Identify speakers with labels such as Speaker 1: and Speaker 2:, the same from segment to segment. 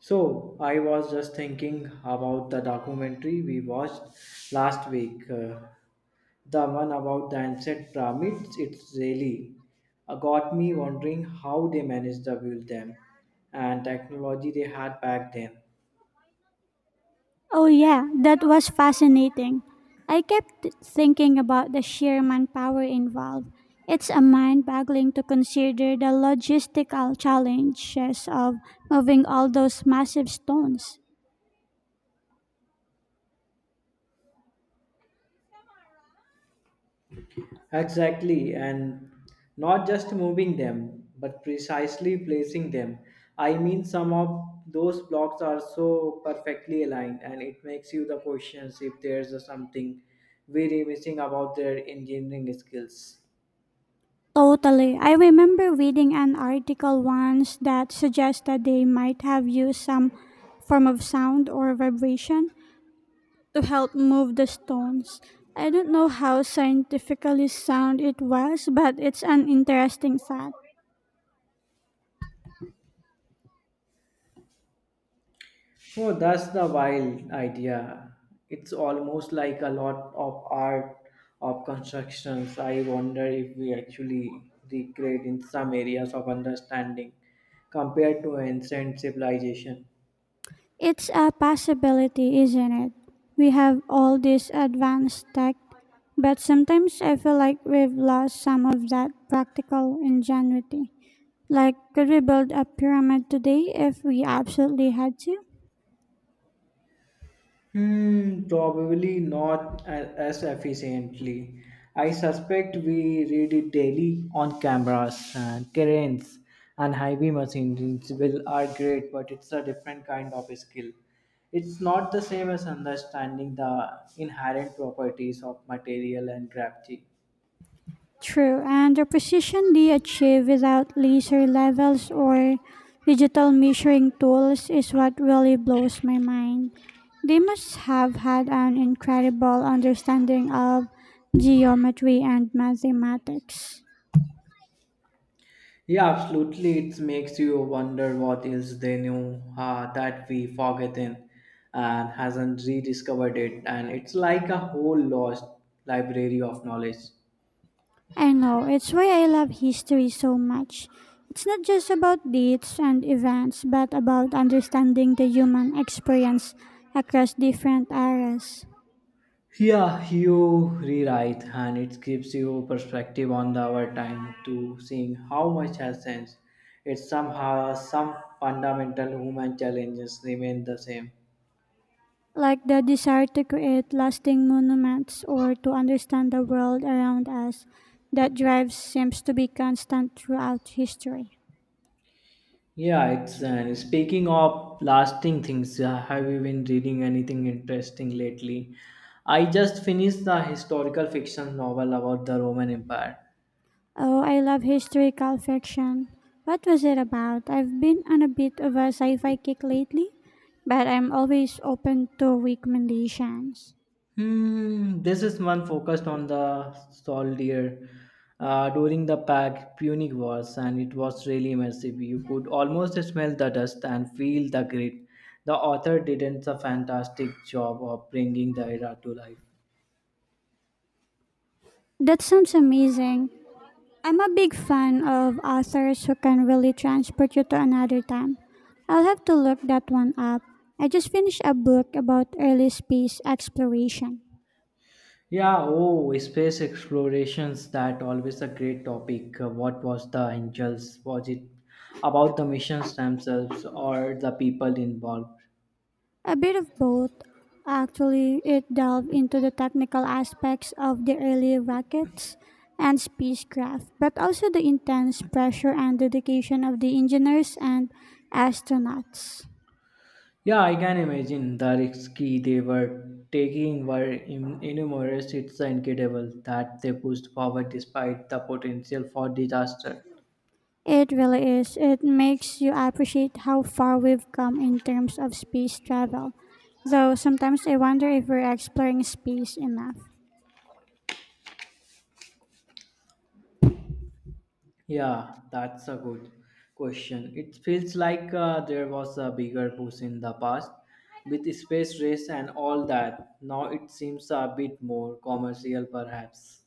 Speaker 1: So, I was just thinking about the documentary we watched last week. The one about the ancient pyramids, it's really got me wondering how they managed to build them and technology they had back then.
Speaker 2: Oh, yeah, that was fascinating. I kept thinking about the sheer manpower involved. It's a mind boggling to consider the logistical challenges of moving all those massive stones.
Speaker 1: Exactly, and not just moving them, but precisely placing them. I mean, some of those blocks are so perfectly aligned, and it makes you the questions if there's a something very missing about their engineering skills.
Speaker 2: Totally. I remember reading an article once that suggested they might have used some form of sound or vibration to help move the stones. I don't know how scientifically sound it was, but it's an interesting thought.
Speaker 1: Oh, that's the wild idea. It's almost like a lot of art of constructions. I wonder if we actually recreate in some areas of understanding compared to ancient civilization.
Speaker 2: It's a possibility, isn't it? We have all this advanced tech, but sometimes I feel like we've lost some of that practical ingenuity. Like, could we build a pyramid today if we absolutely had to?
Speaker 1: Hmm, probably not a- as efficiently. I suspect we read it daily on cameras and cranes and heavy machines will are great, but it's a different kind of skill. It's not the same as understanding the inherent properties of material and gravity.
Speaker 2: True, and the precision they achieve without laser levels or digital measuring tools is what really blows my mind. They must have had an incredible understanding of geometry and mathematics.
Speaker 1: Yeah, absolutely. It makes you wonder what is else they knew, that we forgotten and hasn't rediscovered it. And it's like a whole lost library of knowledge.
Speaker 2: I know, it's why I love history so much. It's not just about dates and events, but about understanding the human experience across different eras.
Speaker 1: Yeah, you rewrite, and it gives you perspective on the our time to seeing how much has changed. It's somehow some fundamental human challenges remain the same.
Speaker 2: Like the desire to create lasting monuments or to understand the world around us. That drive seems to be constant throughout history.
Speaker 1: Yeah, it's and speaking of lasting things, have you been reading anything interesting lately? I just finished the historical fiction novel about the Roman Empire.
Speaker 2: Oh, I love historical fiction. What was it about? I've been on a bit of a sci fi kick lately, but I'm always open to recommendations.
Speaker 1: Hmm, this is one focused on the soldier, during the Pac Punic Wars, and it was really immersive. You could almost smell the dust and feel the grit. The author did a fantastic job of bringing the era to life.
Speaker 2: That sounds amazing. I'm a big fan of authors who can really transport you to another time. I'll have to look that one up. I just finished a book about early space exploration.
Speaker 1: Yeah, oh, space explorations, that always a great topic. What was the angels? Was it about the missions themselves or the people involved?
Speaker 2: A bit of both. Actually, it delved into the technical aspects of the early rockets and spacecraft, but also the intense pressure and dedication of the engineers and astronauts.
Speaker 1: Yeah, I can imagine the risky they were taking were enormous. It's incredible that they pushed forward despite the potential for disaster.
Speaker 2: It really is. It makes you appreciate how far we've come in terms of space travel. Though sometimes I wonder if we're exploring space enough.
Speaker 1: Yeah, that's a good question. It feels like there was a bigger push in the past with space race and all that. Now it seems a bit more commercial, perhaps.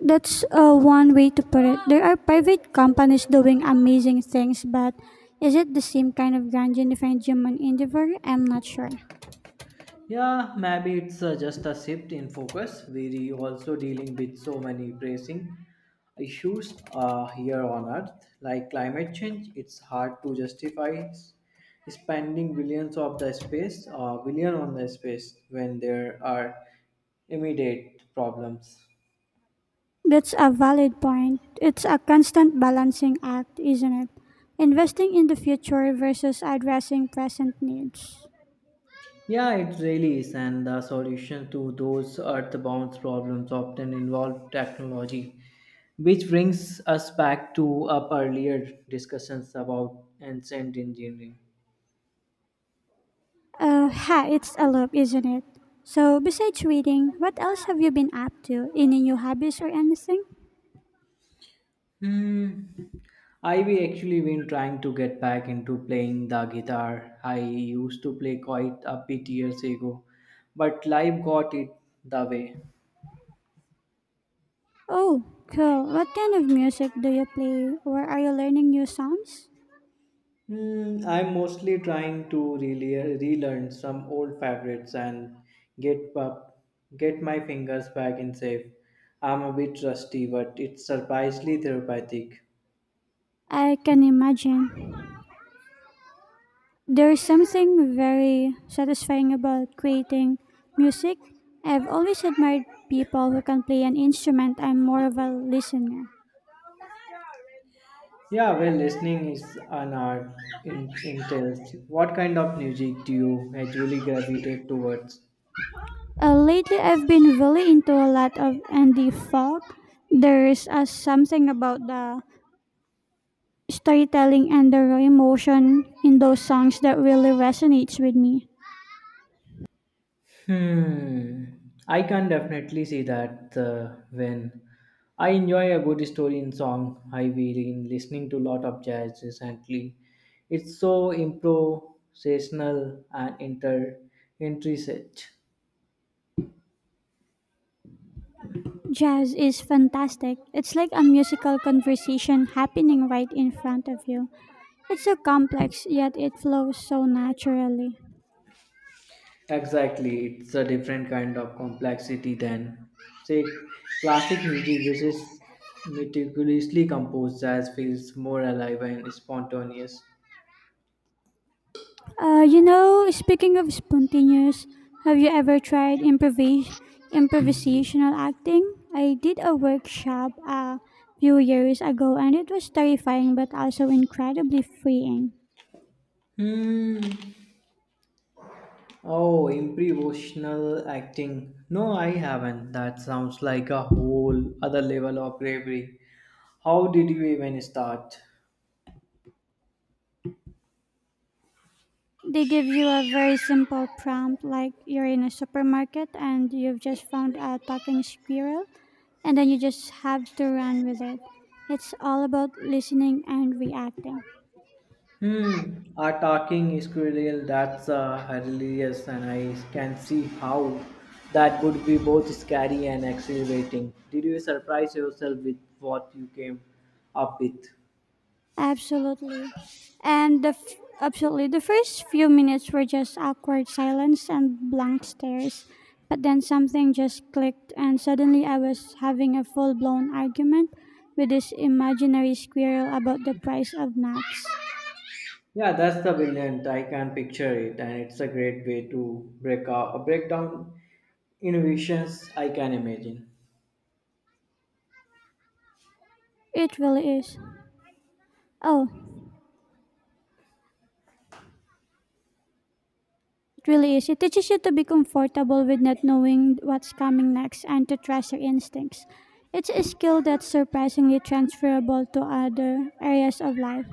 Speaker 2: That's one way to put it. There are private companies doing amazing things, but is it the same kind of grand unified human endeavor? I'm not sure.
Speaker 1: Yeah, maybe it's just a shift in focus. We're also dealing with so many pressing issues, here on Earth, like climate change. It's hard to justify spending billions of the space, billion on the space, when there are immediate problems.
Speaker 2: That's a valid point. It's a constant balancing act, isn't it? Investing in the future versus addressing present needs.
Speaker 1: Yeah, it really is, and the solution to those earthbound problems often involve technology, which brings us back to our earlier discussions about ancient engineering.
Speaker 2: It's a loop, isn't it? So, besides reading, what else have you been up to? Any new hobbies or anything?
Speaker 1: Hmm. I have actually been trying to get back into playing the guitar. I used to play quite a bit years ago, but life got it the way.
Speaker 2: Oh, cool. What kind of music do you play, or are you learning new songs?
Speaker 1: Hmm, I'm mostly trying to relearn some old favorites and get up, get my fingers back in shape. I'm a bit rusty, but it's surprisingly therapeutic.
Speaker 2: I can imagine. There's something very satisfying about creating music. I've always admired people who can play an instrument. I'm more of a listener.
Speaker 1: Yeah, well, listening is an art in entails. What kind of music do you usually gravitate towards?
Speaker 2: Lately, I've been really into a lot of indie folk. There's something about the storytelling and the raw emotion in those songs that really resonates with me.
Speaker 1: Hmm. I can definitely see that, when I enjoy a good story in song, I been listening to a lot of jazz recently. It's so improvisational and inter intricate.
Speaker 2: Jazz is fantastic. It's like a musical conversation happening right in front of you. It's so complex, yet it flows so naturally.
Speaker 1: Exactly, it's a different kind of complexity than say classic music, which is meticulously composed. Jazz feels more alive and spontaneous.
Speaker 2: You know, speaking of spontaneous, have you ever tried improvisational acting? I did a workshop a few years ago and it was terrifying but also incredibly freeing.
Speaker 1: Hmm. Oh, improvisational acting. No, I haven't. That sounds like a whole other level of bravery. How did you even start?
Speaker 2: They give you a very simple prompt like you're in a supermarket and you've just found a talking squirrel and then you just have to run with it. It's all about listening and reacting.
Speaker 1: Hmm, a talking squirrel, that's hilarious, and I can see how that would be both scary and exhilarating. Did you surprise yourself with what you came up with?
Speaker 2: Absolutely. And the f- absolutely, the first few minutes were just awkward silence and blank stares, but then something just clicked and suddenly I was having a full-blown argument with this imaginary squirrel about the price of nuts.
Speaker 1: Yeah, that's the brilliant. I can picture it, and it's a great way to break down innovations. I can imagine.
Speaker 2: It really is. Oh, it really is. It teaches you to be comfortable with not knowing what's coming next and to trust your instincts. It's a skill that's surprisingly transferable to other areas of life.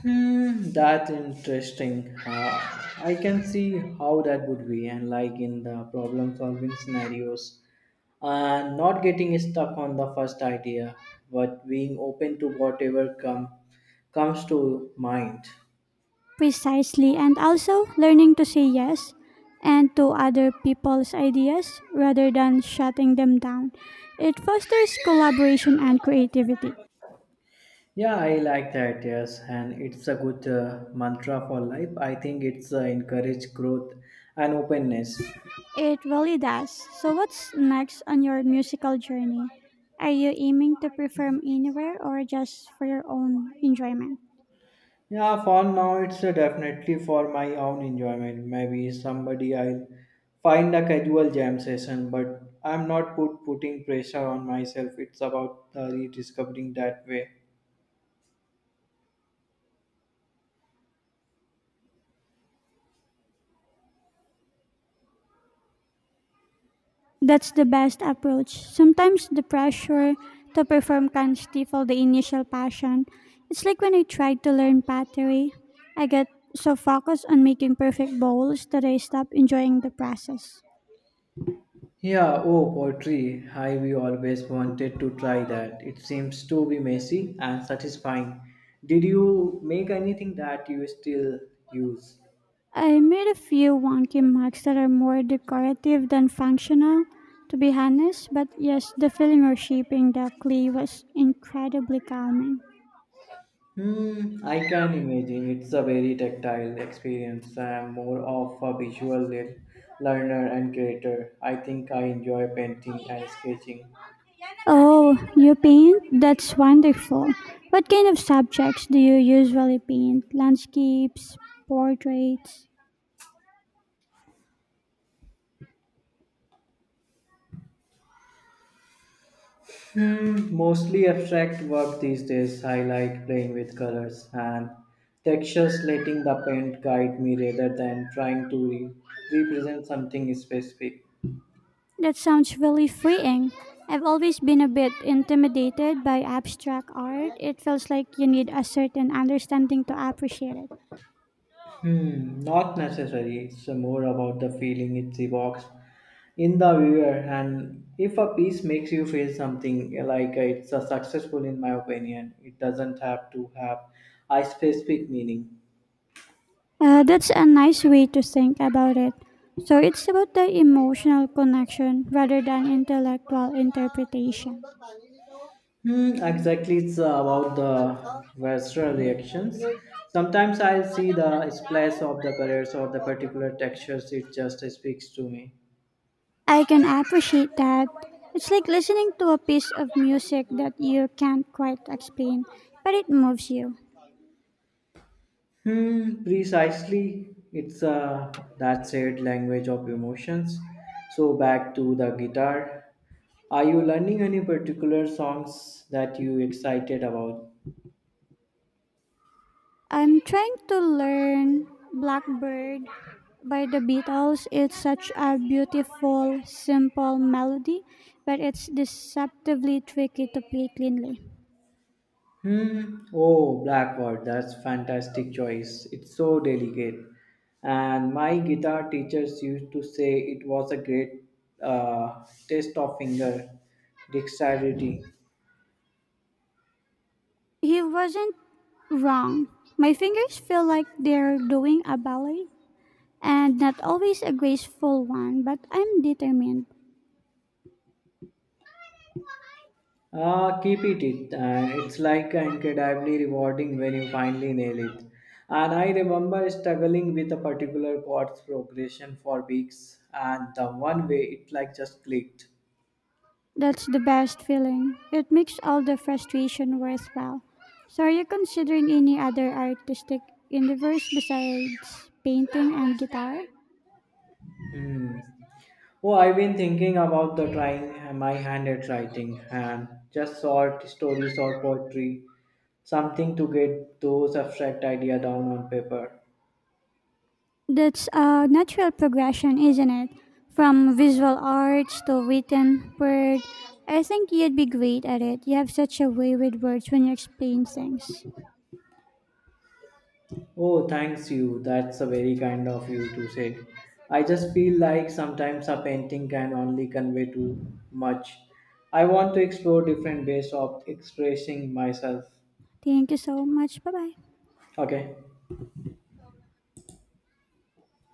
Speaker 1: Hmm, that's interesting. I can see how that would be, and like in the problem-solving scenarios, and not getting stuck on the first idea, but being open to whatever comes to mind.
Speaker 2: Precisely, and also learning to say yes and to other people's ideas rather than shutting them down. It fosters collaboration and creativity.
Speaker 1: Yeah, I like that. Yes, and it's a good, mantra for life. I think it's, encourage growth and openness.
Speaker 2: It really does. So, what's next on your musical journey? Are you aiming to perform anywhere or just for your own enjoyment?
Speaker 1: Yeah, for now it's definitely for my own enjoyment. Maybe somebody I'll find a casual jam session, but I'm not put putting pressure on myself. It's about rediscovering that way.
Speaker 2: That's the best approach. Sometimes the pressure to perform can stifle the initial passion. It's like when I tried to learn pottery, I get so focused on making perfect bowls that I stop enjoying the process.
Speaker 1: Yeah, oh, poetry. I we always wanted to try that. It seems to be messy and satisfying. Did you make anything that you still use?
Speaker 2: I made a few wonky mugs that are more decorative than functional, to be honest, but yes, the feeling of shaping the clay was incredibly calming.
Speaker 1: Hmm, I can imagine. It's a very tactile experience. I am more of a visual learner and creator. I think I enjoy painting and sketching.
Speaker 2: Oh, you paint? That's wonderful. What kind of subjects do you usually paint? Landscapes, portraits?
Speaker 1: Hmm, mostly abstract work these days. I like playing with colors and textures, letting the paint guide me rather than trying to represent something specific.
Speaker 2: That sounds really freeing. I've always been a bit intimidated by abstract art. It feels like you need a certain understanding to appreciate it.
Speaker 1: Hmm, not necessary. It's more about the feeling it evokes in the viewer, and if a piece makes you feel something like it's a successful, in my opinion, it doesn't have to have a specific meaning.
Speaker 2: That's a nice way to think about it. So it's about the emotional connection rather than intellectual interpretation.
Speaker 1: Hmm, exactly, it's about the visceral reactions. Sometimes I'll see the splash of the colors or the particular textures. It just speaks to me.
Speaker 2: I can appreciate that. It's like listening to a piece of music that you can't quite explain, but it moves you.
Speaker 1: Hmm, precisely. It's that said language of emotions. So back to the guitar. Are you learning any particular songs that you excited about?
Speaker 2: I'm trying to learn Blackbird by the Beatles. It's such a beautiful, simple melody, but it's deceptively tricky to play cleanly.
Speaker 1: Hmm. Oh, Blackboard, that's fantastic choice. It's so delicate. And my guitar teachers used to say it was a great, test of finger dexterity.
Speaker 2: He wasn't wrong. My fingers feel like they're doing a ballet, and not always a graceful one, but I'm determined.
Speaker 1: Ah, and it's like incredibly rewarding when you finally nail it. And I remember struggling with a particular chord's progression for weeks, and the one way it like just clicked.
Speaker 2: That's the best feeling. It makes all the frustration worthwhile. So, are you considering any other artistic endeavors besides painting and guitar?
Speaker 1: Hmm. Oh, I've been thinking about the trying my hand at writing and just short stories or poetry, something to get those abstract idea down on paper.
Speaker 2: That's a natural progression, isn't it? From visual arts to written word. I think you'd be great at it. You have such a way with words when you explain things.
Speaker 1: Oh, thanks you. That's a very kind of you to say. I just feel like sometimes a painting can only convey too much. I want to explore different ways of expressing myself.
Speaker 2: Thank you so much. Bye bye.
Speaker 1: Okay.